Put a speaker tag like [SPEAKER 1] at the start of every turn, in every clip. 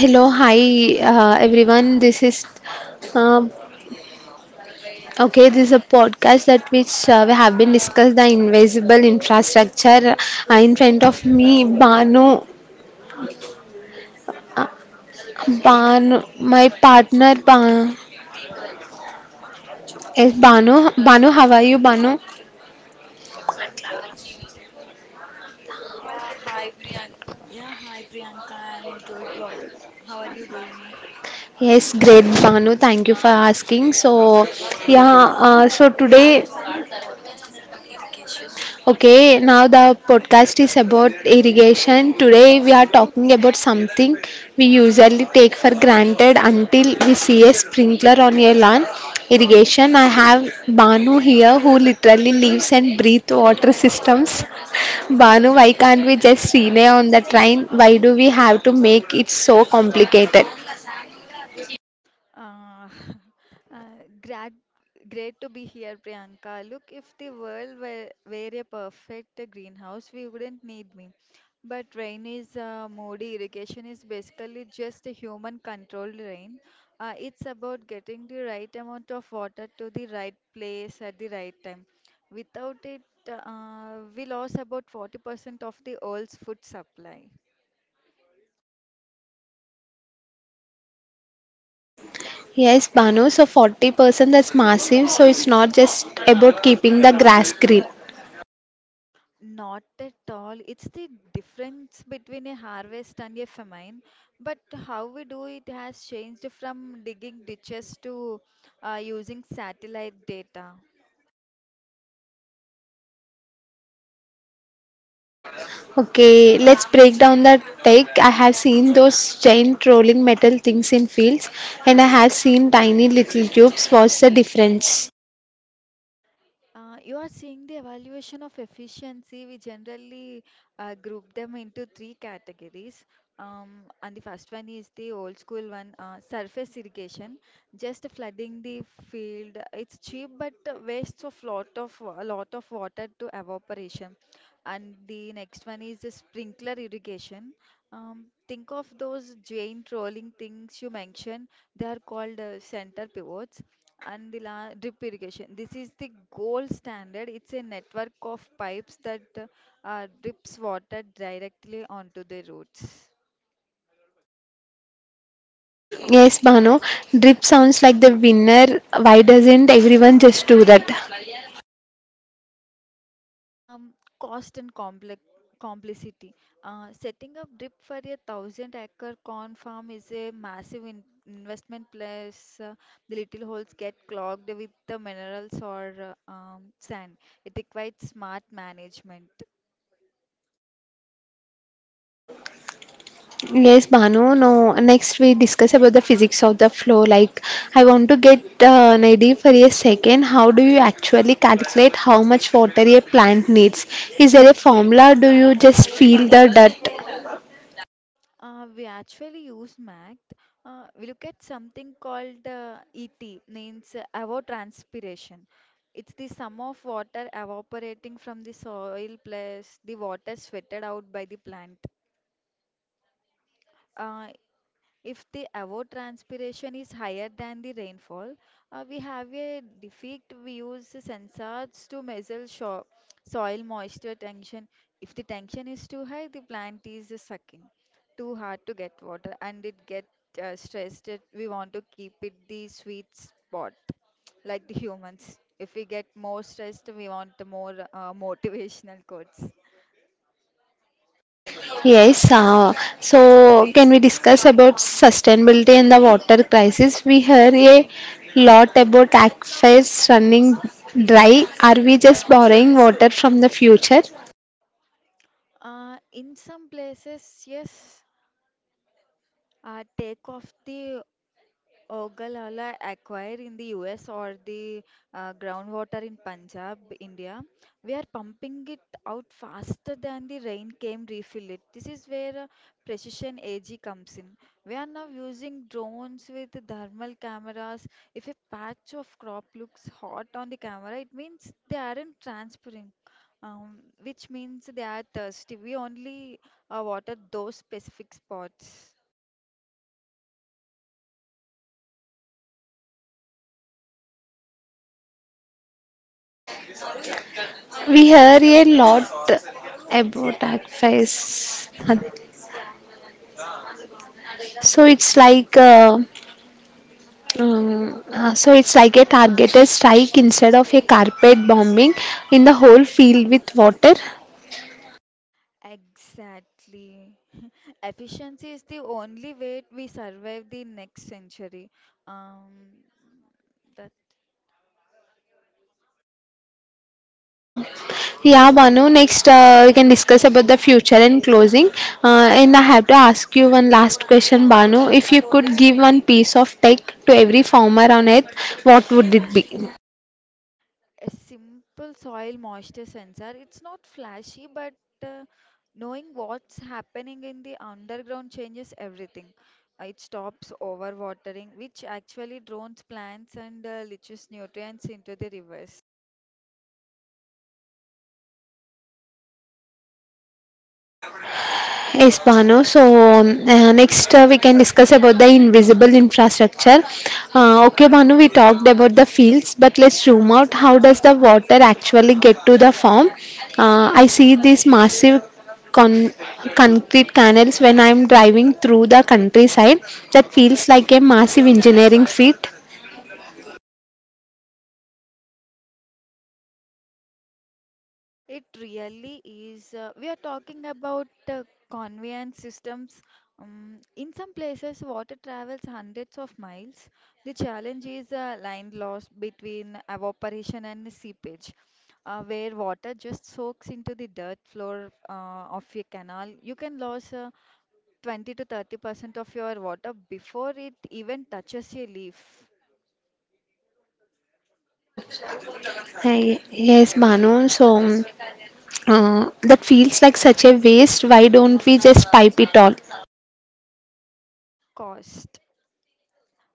[SPEAKER 1] Hello, hi everyone. This is um okay. This is a podcast that which we have been discussed the invisible infrastructure. In front of me, Banu, uh, Banu, my partner, Banu. Yes, Banu, how are you, Banu?
[SPEAKER 2] Yeah, hi Priyanka. I'm good. How are you doing?
[SPEAKER 1] Yes, great, Banu. Thank you for asking. So, yeah. Now the podcast is about irrigation. Today we are talking about something we usually take for granted until we see a sprinkler on your lawn. Irrigation. I have Banu here who literally lives and breathes water systems. Banu, why can't we just rename on the train? Why do we have to make it so complicated?
[SPEAKER 2] Uh, uh, great, great to be here, Priyanka. Look, if the world were a perfect greenhouse, we wouldn't need me. But rain is moody. Irrigation is basically just a human-controlled rain. It's about getting the right amount of water to the right place at the right time. Without it, we lost about 40% of the world's food supply.
[SPEAKER 1] Yes, Banu, so 40%, that's massive. So it's not just about keeping the grass green.
[SPEAKER 2] Not at all. It's the difference between a harvest and a famine. But how we do it has changed from digging ditches to using satellite data.
[SPEAKER 1] Okay, let's break down the tech. I have seen those giant rolling metal things in fields, and I have seen tiny little tubes. What's the difference?
[SPEAKER 2] You are seeing the evaluation of efficiency. We generally group them into three categories. And the first one is the old school one, surface irrigation, just flooding the field. It's cheap, but wastes of lot of a lot of water to evaporation. And the next one is the sprinkler irrigation. Think of those giant rolling things you mentioned. They are called center pivots. And the la drip irrigation. This is the gold standard. It's a network of pipes that drips water directly onto the roots.
[SPEAKER 1] Yes, Bano, drip sounds like the winner. Why doesn't everyone just do that?
[SPEAKER 2] Um, Cost and complex complicity. Setting up drip for a thousand acre corn farm is a massive in investment. Plus, the little holes get clogged with the minerals or sand. It requires smart management.
[SPEAKER 1] Yes, Bano, no. Next, we discuss about the physics of the flow. Like, I want to get an idea for a second. How do you actually calculate how much water a plant needs? Is there a formula? Do you just feel the dirt?
[SPEAKER 2] We actually use Mac. We look at something called ET, means evapotranspiration. It's the sum of water evaporating from the soil plus the water sweated out by the plant. Uh, if the evapotranspiration is higher than the rainfall, we have a defect. We use sensors to measure soil moisture tension. If the tension is too high, the plant is sucking too hard to get water and it get stressed. We want to keep it the sweet spot like the humans. If we get more stressed, we want more motivational quotes.
[SPEAKER 1] Yes, so can we discuss about sustainability and the water crisis? We hear a lot about aquifers running dry. Are we just borrowing water from the future?
[SPEAKER 2] In some places, yes, take off the Ogallala acquired in the US or the groundwater in Punjab, India. We are pumping it out faster than the rain came refill it. This is where precision AG comes in. We are now using drones with thermal cameras. If a patch of crop looks hot on the camera, it means they aren't transpiring, which means they are thirsty. We only water those specific spots.
[SPEAKER 1] We hear a lot about aquifers. So it's like uh, so it's like a targeted strike instead of a carpet bombing in the whole field with water.
[SPEAKER 2] Exactly. Efficiency is the only way we survive the next century. Um, that
[SPEAKER 1] Yeah, Banu, next we can discuss about the future and closing. And I have to ask you one last question, Banu. If you could give one piece of tech to every farmer on earth, what would it be?
[SPEAKER 2] a simple soil moisture sensor. It's not flashy, but uh, knowing what's happening in the underground changes everything. It stops overwatering, which actually drowns plants and leaches nutrients into the rivers.
[SPEAKER 1] Yes, Bano. Next we can discuss about the invisible infrastructure. Okay, Banu, we talked about the fields, but let's zoom out. How does the water actually get to the farm? I see these massive con- concrete canals when I'm driving through the countryside. That feels like a massive engineering feat.
[SPEAKER 2] It really is. We are talking about conveyance systems. In some places, water travels hundreds of miles. The challenge is a line loss between evaporation and seepage, where water just soaks into the dirt floor of your canal. You can lose 20 to 30% of your water before it even touches your leaf.
[SPEAKER 1] Hi, yes, Banu. That feels like such a waste. Why don't we just pipe it all?
[SPEAKER 2] Cost.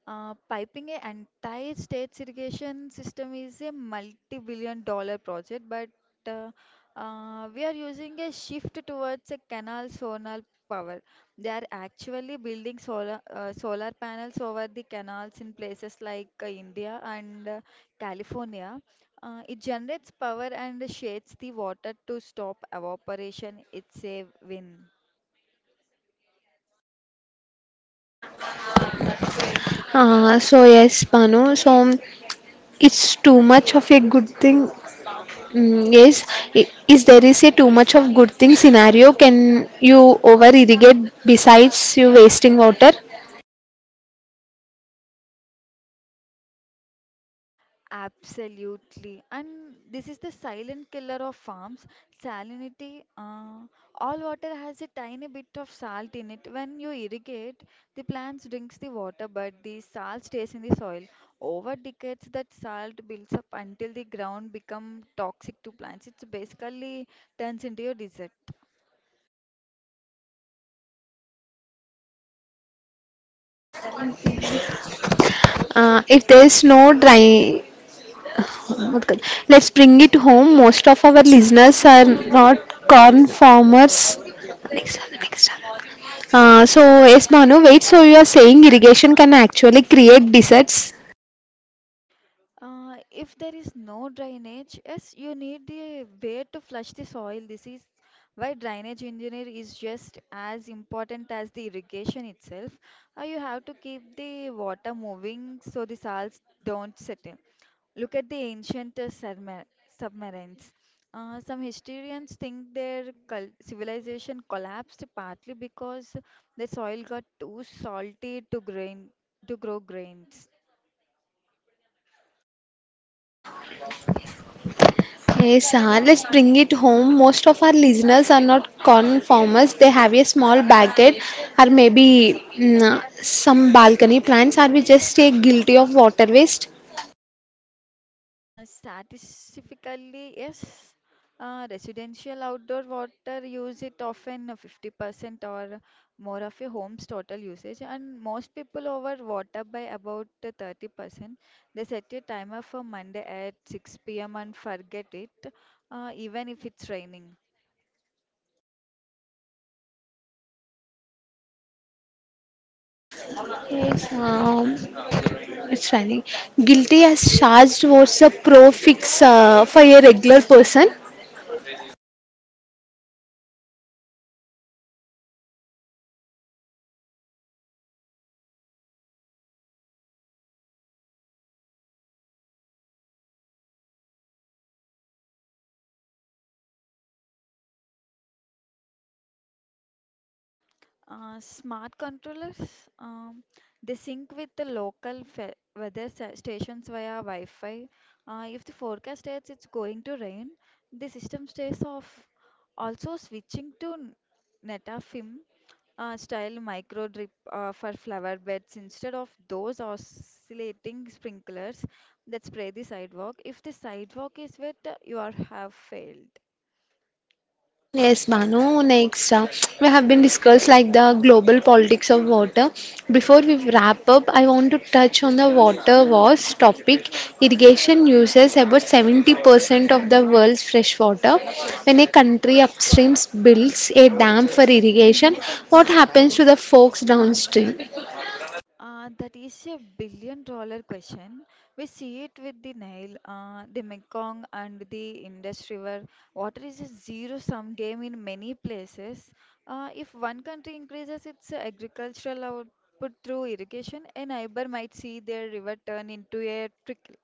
[SPEAKER 2] Piping a entire state's irrigation system is a multi-multi-billion-dollar project, but uh, we are using a shift towards a canal solar power. They are actually building solar solar panels over the canals in places like India and California. It generates power and shades the water to stop evaporation. It's a win.
[SPEAKER 1] So yes, Banu. So it's too much of a good thing. Mm, yes, I- is there is a too much of good thing scenario? Can you over irrigate besides you wasting water?
[SPEAKER 2] Absolutely. And this is the silent killer of farms. Salinity, all water has a tiny bit of salt in it. When you irrigate, the plants drinks the water, but the salt stays in the soil. Over decades, that salt builds up until the ground become toxic to plants. It's basically turns into your desert.
[SPEAKER 1] If there is no dry, let's bring it home. Most of our listeners are not corn farmers. Next one, next one. So yes, Manu, wait, so you are saying irrigation can actually create deserts?
[SPEAKER 2] If there is no drainage, yes, you need a way to flush the soil. This is why drainage engineer is just as important as the irrigation itself. You have to keep the water moving so the salts don't settle. Look at the ancient submarines. Some historians think their cul civilization collapsed partly because the soil got too salty to grow grains.
[SPEAKER 1] Yes, sir. Let's bring it home. Most of our listeners are not conformers. They have a small backyard or maybe mm, some balcony plants. Or we just stay guilty of water waste?
[SPEAKER 2] Statistically, yes, residential outdoor water use it often 50% or more of a home's total usage, and most people over water by about 30%. They set a timer for Monday at 6 p.m. and forget it, even if it's raining.
[SPEAKER 1] Yes, it's running. Guilty as charged was a prefix for a regular person.
[SPEAKER 2] Smart controllers, they sync with the local weather stations via Wi-Fi. If the forecast states it's going to rain, the system stays off. Also, switching to Netafim style micro drip for flower beds instead of those oscillating sprinklers that spray the sidewalk. If the sidewalk is wet, you are have failed.
[SPEAKER 1] Yes, Banu. Next, we have been discussed like the global politics of water. Before we wrap up, I want to touch on the water wars topic. Irrigation uses about 70% of the world's fresh water. When a country upstream builds a dam for irrigation, what happens to the folks downstream?
[SPEAKER 2] That is a billion-dollar question. We see it with the Nile, the Mekong, and the Indus River. Water is a zero sum game in many places. If one country increases its agricultural output through irrigation, a neighbor might see their river turn into a trickle.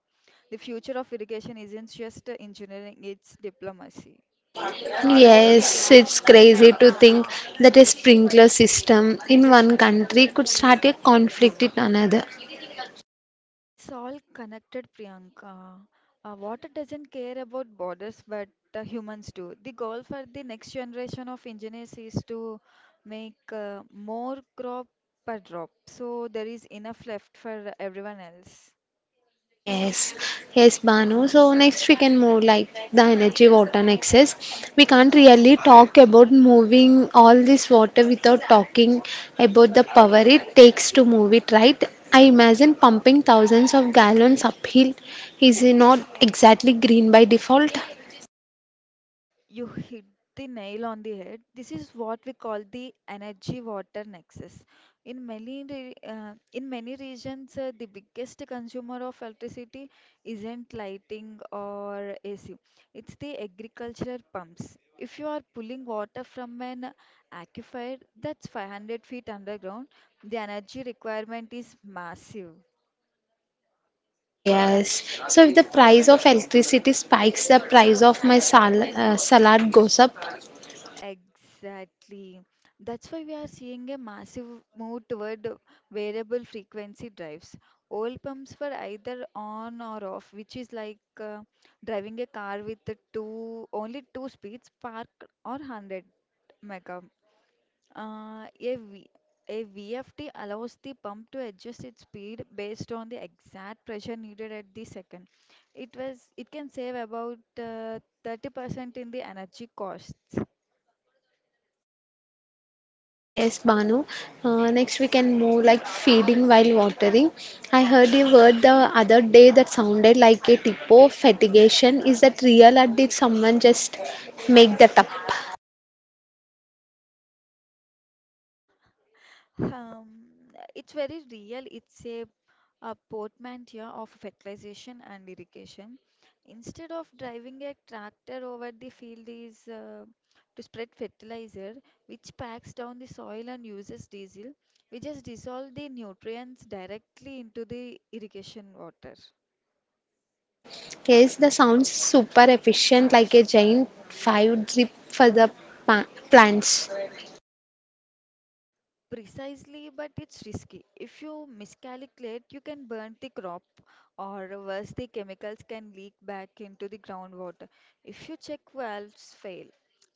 [SPEAKER 2] The future of irrigation isn't just engineering, it's diplomacy.
[SPEAKER 1] Yes, it's crazy to think that a sprinkler system in one country could start a conflict in another.
[SPEAKER 2] It's all connected, Priyanka. Water doesn't care about borders, but humans do. The goal for the next generation of engineers is to make more crop per drop, so there is enough left for everyone else.
[SPEAKER 1] Yes, yes, Banu. So next we can move like the energy water nexus. We can't really talk about moving all this water without talking about the power it takes to move it, right? I imagine pumping thousands of gallons uphill is not exactly green by default.
[SPEAKER 2] You hit the nail on the head. This is what we call the energy water nexus. In many regions, the biggest consumer of electricity isn't lighting or AC. It's the agricultural pumps. If you are pulling water from an aquifer that's 500 feet underground, the energy requirement is massive.
[SPEAKER 1] Yes. So if the price of electricity spikes, the price of my salad goes up.
[SPEAKER 2] Exactly. That's why we are seeing a massive move toward variable frequency drives. Old pumps were either on or off, which is like driving a car with the two only two speeds, park or 100 mega. Uh, a, v, a VFD allows the pump to adjust its speed based on the exact pressure needed at the second. It can save about 30% in the energy costs.
[SPEAKER 1] Yes, Banu. Next, we can move like feeding while watering. I heard a word the other day that sounded like a typo. Fatigation. Is that real or did someone just make that up?
[SPEAKER 2] Um, it's very real. It's a portmanteau of fertilization and irrigation. Instead of driving a tractor over the field is to spread fertilizer, which packs down the soil and uses diesel. We just dissolve the nutrients directly into the irrigation water.
[SPEAKER 1] Yes, the sounds super efficient, like a giant five drip for the plants.
[SPEAKER 2] Precisely, but it's risky. If you miscalculate, you can burn the crop, or worse, the chemicals can leak back into the groundwater. If your check valves fail,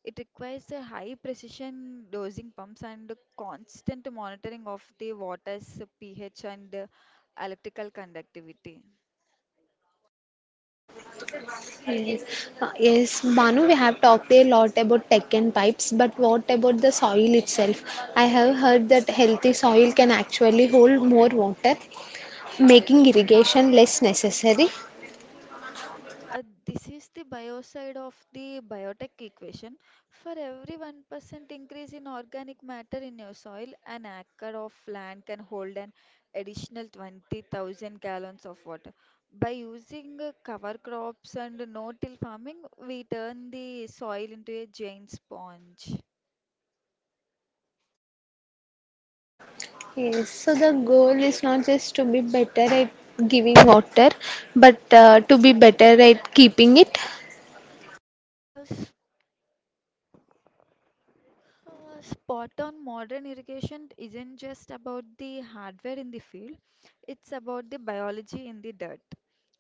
[SPEAKER 2] it requires a high precision dosing pumps and a constant monitoring of the water's pH and electrical conductivity.
[SPEAKER 1] Yes. Yes, Banu, we have talked a lot about tech and pipes, but what about the soil itself? I have heard that healthy soil can actually hold more water, making irrigation less necessary.
[SPEAKER 2] This is the bio side of the biotech equation. For every 1% increase in organic matter in your soil, an acre of land can hold an additional 20,000 gallons of water. By using cover crops and no-till farming, we turn the soil into a giant sponge.
[SPEAKER 1] Yes, so the goal is not just to be better at giving water, but to be better at keeping it.
[SPEAKER 2] Uh, Spot on, modern irrigation isn't just about the hardware in the field, it's about the biology in the dirt.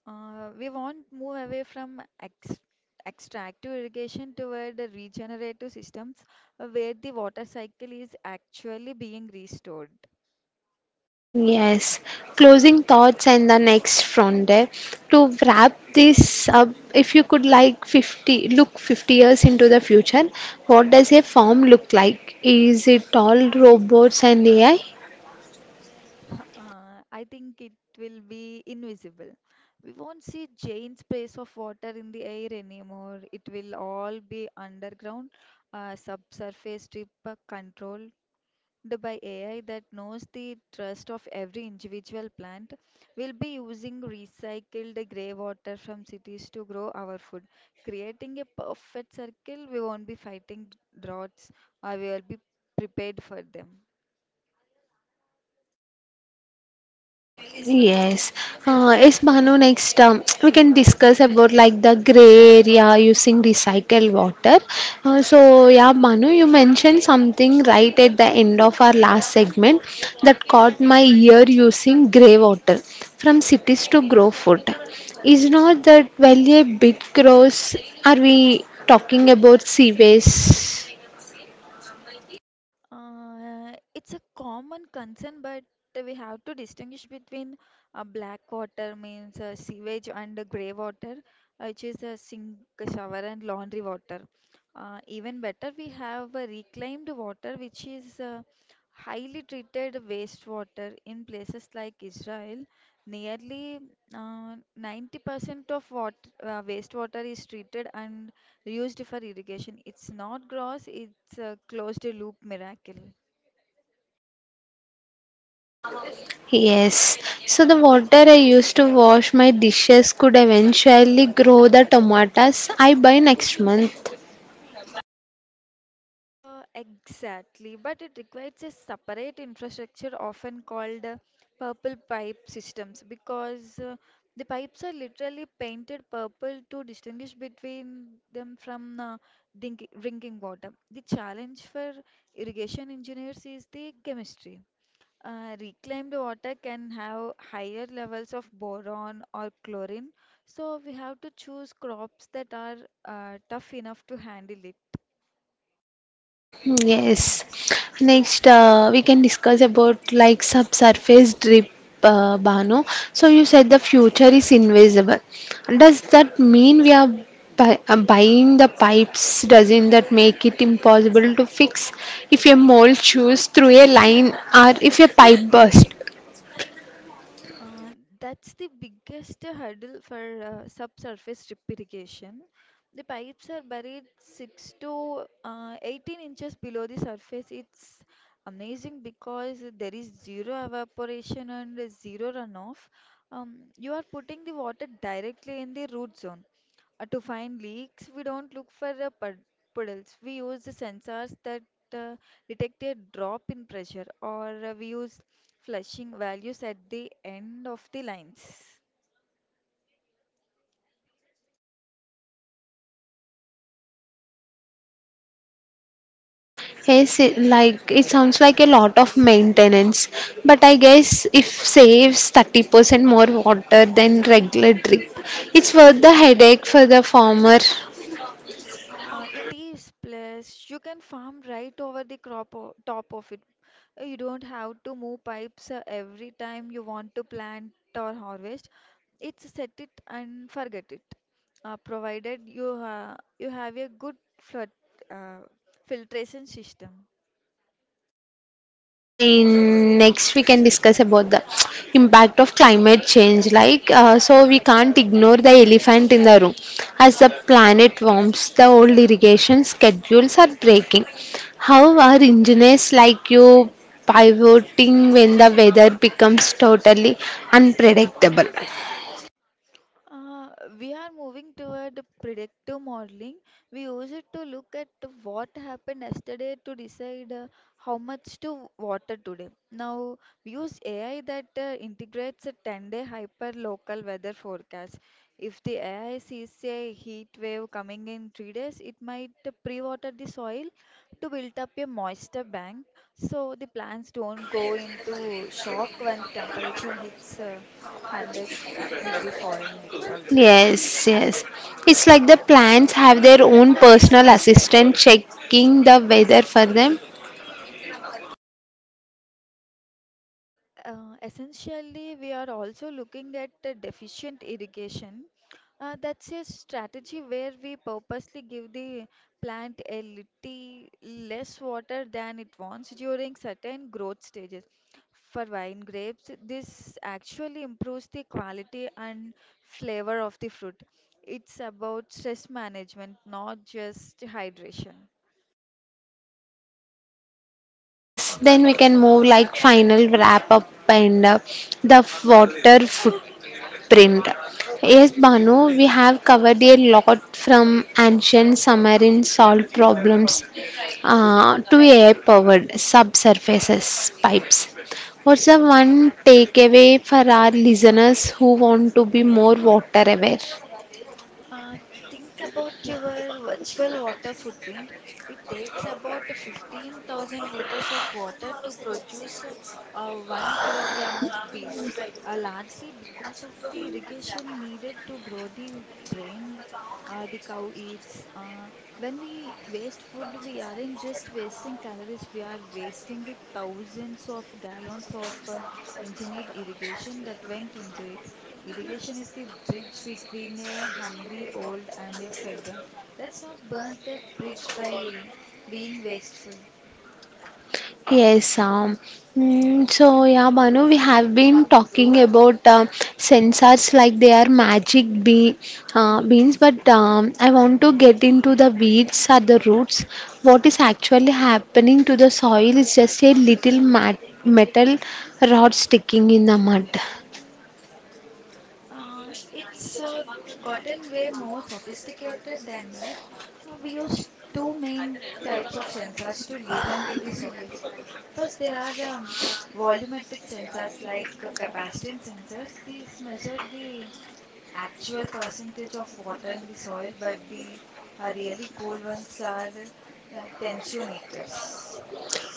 [SPEAKER 2] We want move away from ex extractive irrigation toward the regenerative systems where the water cycle is actually being restored.
[SPEAKER 1] Yes, closing thoughts and the next frontier. To wrap this up, if you could like 50 years into the future, what does a farm look like? Is it all robots and AI?
[SPEAKER 2] I think it will be invisible. We won't see giant sprays of water in the air anymore. It will all be underground, subsurface drip control, developed by AI that knows the trust of every individual plant. We'll be using recycled grey water from cities to grow our food, creating a perfect circle. We won't be fighting droughts, or we will be prepared for them.
[SPEAKER 1] Yes. Yes, Bhanu, next we can discuss about like the gray area using recycled water. So, yeah, Bhanu, you mentioned something right at the end of our last segment that caught my ear using grey water from cities to grow food. Is not that well a big gross? Are we talking about sewage?
[SPEAKER 2] It's a common concern, but we have to distinguish between black water means sewage and grey water, which is sink, shower, and laundry water. Even better, we have reclaimed water, which is highly treated wastewater in places like Israel. Nearly 90% of what wastewater is treated and used for irrigation. It's not gross, it's a closed loop miracle.
[SPEAKER 1] Yes, so the water I used to wash my dishes could eventually grow the tomatoes I buy next month.
[SPEAKER 2] Exactly, but it requires a separate infrastructure often called purple pipe systems because the pipes are literally painted purple to distinguish between them from drinking water. The challenge for irrigation engineers is the chemistry. Reclaimed water can have higher levels of boron or chlorine, so we have to choose crops that are tough enough to handle it.
[SPEAKER 1] Hmm, yes. Next, we can discuss about like subsurface drip, Bano. So you said the future is invisible. Does that mean we are buying the pipes? Doesn't that make it impossible to fix if a mole chews through a line or if a pipe bursts?
[SPEAKER 2] Uh, that's the biggest hurdle for subsurface drip irrigation. The pipes are buried 6 to 18 inches below the surface. It's amazing because there is zero evaporation and zero runoff. You are putting the water directly in the root zone. To find leaks, we don't look for puddles. We use the sensors that uh, detect a drop in pressure, or we use flushing values at the end of the lines.
[SPEAKER 1] Yes, it sounds like a lot of maintenance, but I guess if saves 30% more water than regular drip, it's worth the headache for the farmer.
[SPEAKER 2] It is plus you can farm right over top of it. You don't have to move pipes every time you want to plant or harvest. It's set it and forget it. Provided you you have a good flood uh, filtration system.
[SPEAKER 1] Say next we can discuss about the impact of climate change like so we can't ignore the elephant in the room. As the planet warms, the old irrigation schedules are breaking. How are engineers like you pivoting when the weather becomes totally unpredictable?
[SPEAKER 2] Uh, we are moving toward predictive modeling. We use it to look at what happened yesterday to decide how much to water today. Now, we use AI that integrates a 10-day hyper-local weather forecast. If the AI sees a heat wave coming in 3 days, it might pre-water the soil to build up a moisture bank so the plants don't go into shock when the temperature hits 100-degree foreign it also.
[SPEAKER 1] Yes. It's like the plants have their own personal assistant checking the weather for them.
[SPEAKER 2] Essentially, we are also looking at the deficient irrigation. That's a strategy where we purposely give the plant a little less water than it wants during certain growth stages. For wine grapes, this actually improves the quality and flavor of the fruit. It's about stress management, not just hydration.
[SPEAKER 1] Yes, then we can move like final wrap up and the water footprint. Yes, Banu, we have covered a lot from ancient submarine salt problems to air powered subsurfaces pipes. What's the one takeaway for our listeners who want to be more water aware?
[SPEAKER 2] Uh, think about your virtual water footprint. It takes about 15,000 liters of water to produce 1 kilogram of beef, largely because of the irrigation needed to grow the grain the cow eats. When we waste food, we aren't just wasting calories, we are wasting the thousands of gallons of engineered irrigation that went into it. Irrigation is the bridge between a hungry old and a fed one. Let's not burn that bridge by being wasteful.
[SPEAKER 1] Yes, um, so yeah, Manu, we have been talking about sensors like they are magic be beans, but I want to get into the weeds or the roots. What is actually happening to the soil is just a little mat metal rod sticking in the mud.
[SPEAKER 2] It's gotten way more sophisticated than that. We use two main types of sensors to listen to the soil. First, there are volumetric sensors like capacitance sensors. These measure the actual percentage of water in the soil, but the really cool ones are tensiometers.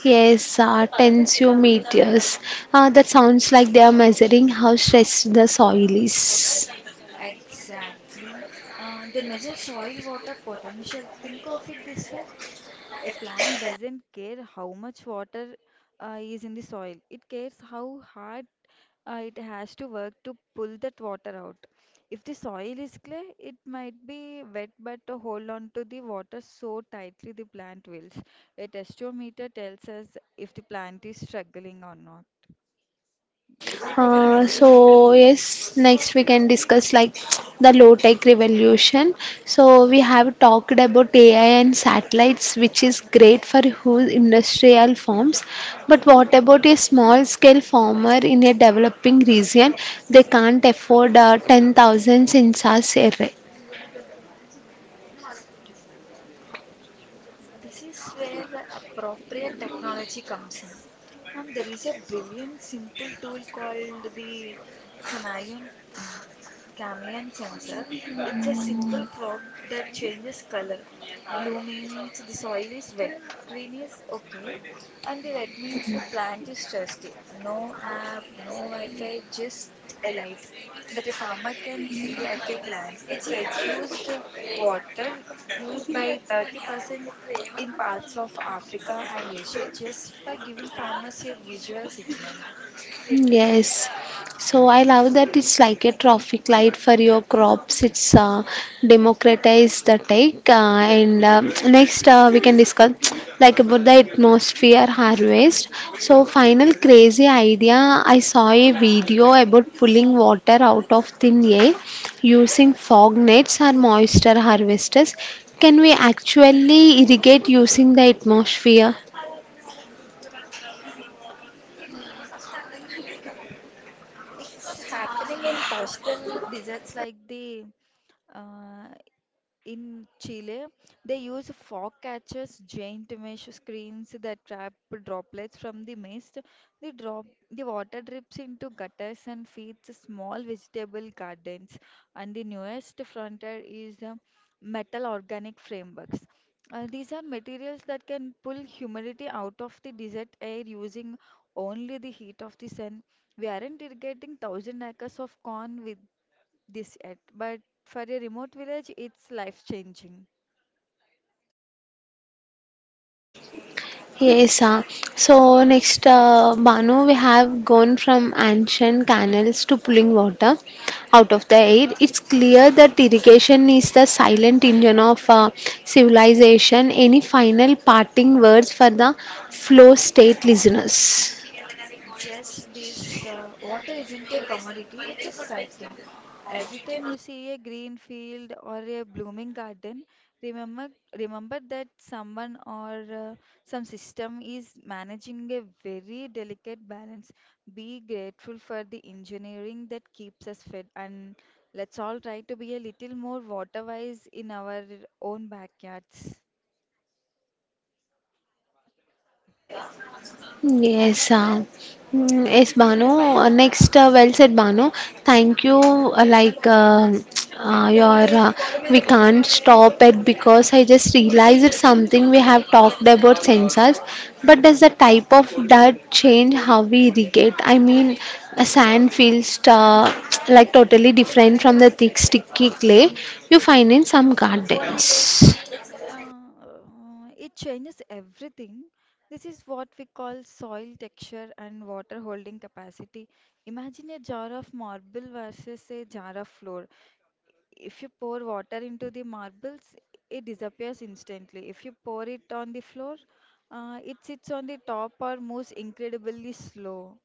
[SPEAKER 1] Yes, tensiometers. That sounds like they are measuring how stressed the soil is.
[SPEAKER 2] Exactly. They measure soil water potential. Think of it this way. A plant doesn't care how much water is in the soil. It cares how hard it has to work to pull that water out. If the soil is clay, it might be wet, but to hold on to the water so tightly the plant wills. A testometer tells us if the plant is struggling or not.
[SPEAKER 1] So yes, next we can discuss like the low tech revolution. So we have talked about AI and satellites, which is great for huge industrial farms. But what about a small scale farmer in a developing region? They can't afford 10,000 sensors array.
[SPEAKER 2] This is where appropriate technology comes in. There is a brilliant, simple tool called the Chameleon. um, chameleon sensor. It's a simple probe that changes color. Blue means the soil is wet, green is okay, and the red means the plant is thirsty. No app, no Wi-Fi, just a light that a farmer can see at a glance. It reduced water use by 30% in parts of Africa and Asia just by giving farmers a visual signal.
[SPEAKER 1] Yes. So I love that it's like a traffic light for your crops. It's democratize the tech. And next we can discuss like about the atmosphere harvest. So final crazy idea. I saw a video about pulling water out of thin air using fog nets or moisture harvesters. Can we actually irrigate using the atmosphere?
[SPEAKER 2] It's happening in coastal deserts like the Uh, in Chile, they use fog catchers, giant mesh screens that trap droplets from the mist. The water drips into gutters and feeds small vegetable gardens. And the newest frontier is metal organic frameworks. These are materials that can pull humidity out of the desert air using only the heat of the sun. We aren't irrigating thousand acres of corn with this yet, but for a remote village, it's life changing.
[SPEAKER 1] Yes, so next, Banu, we have gone from ancient canals to pulling water out of the air. It's clear that irrigation is the silent engine of civilization. Any final parting words for the flow state listeners?
[SPEAKER 2] Just this water isn't a commodity, it's a cycle. Every time you see a green field or a blooming garden, remember remember that someone or some system is managing a very delicate balance. Be grateful for the engineering that keeps us fed, and let's all try to be a little more water wise in our own backyards.
[SPEAKER 1] Yes, uh, yes, Banu. Next, well said, Banu. Thank you. Uh, your, uh, we can't stop it because I just realized it's something we have talked about sensors. But does the type of dirt change how we irrigate? I mean, a sand feels like totally different from the thick, sticky clay you find in some gardens.
[SPEAKER 2] It changes everything. This is what we call soil texture and water holding capacity. Imagine a jar of marble versus a jar of flour. If you pour water into the marbles, it disappears instantly. If you pour it on the floor, it sits on the top or moves incredibly slow.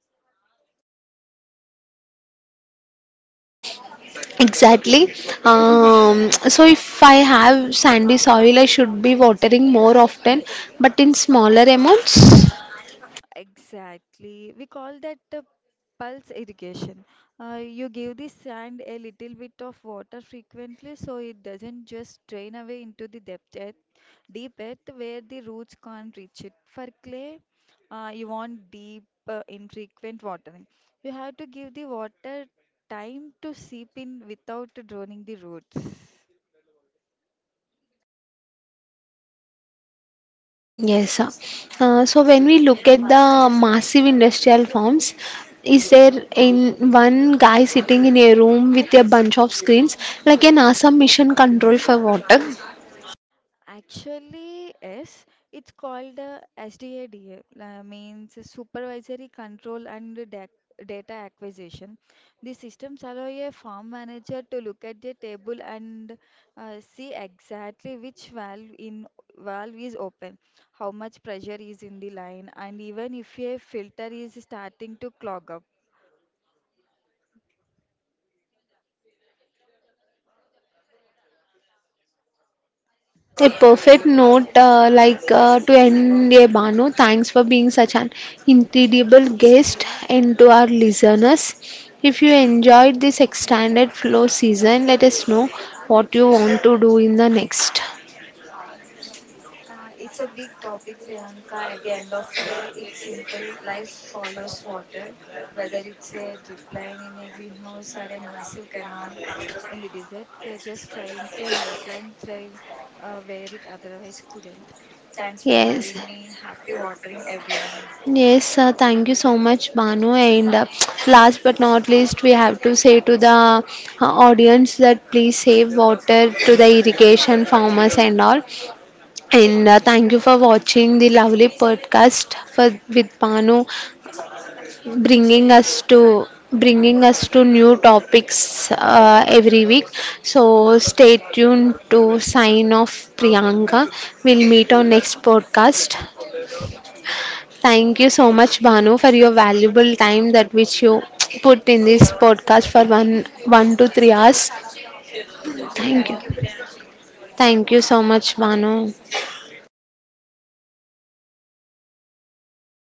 [SPEAKER 1] Exactly. So if I have sandy soil, I should be watering more often, but in smaller amounts.
[SPEAKER 2] Exactly. We call that the pulse irrigation. You give the sand a little bit of water frequently so it doesn't just drain away into the deep earth where the roots can't reach it. For clay, you want deep, infrequent watering. You have to give the water time to seep in without drowning the roots.
[SPEAKER 1] Yes, sir. So when we look at the massive industrial farms, is there in one guy sitting in a room with a bunch of screens like an awesome mission control for water?
[SPEAKER 2] Actually, yes, it's called the SDADA, means Supervisory Control and Data Acquisition. The systems allow a farm manager to look at the table and see exactly which valve is open, how much pressure is in the line, and even if a filter is starting to clog up.
[SPEAKER 1] A perfect note to end a Banu. Thanks for being such an incredible guest
[SPEAKER 2] Slow.
[SPEAKER 1] and to our listeners. If you enjoyed this extended flow season, let us know what you want to do in the next.
[SPEAKER 2] It's a big topic, Priyanka. At the end of the day, it's simple. Life follows water, whether it's a drip line in a greenhouse or a massive canal in the desert. We are just trying to help line thrive where it otherwise couldn't. Thanks for
[SPEAKER 1] Yes.
[SPEAKER 2] having me. Happy watering, everyone.
[SPEAKER 1] Yes, thank you so much, Banu. And last but not least, we have to say to the audience that please save water to the irrigation farmers and all. And thank you for watching the lovely podcast for, with Panu, bringing us to bringing us to new topics every week. So stay tuned to sign off Priyanka. We'll meet on next podcast. Thank you so much, Banu, for your valuable time that which you put in this podcast for one to three hours. Thank
[SPEAKER 2] Thank you,
[SPEAKER 1] you.
[SPEAKER 2] Priyanka.
[SPEAKER 1] Thank you so much, Banu.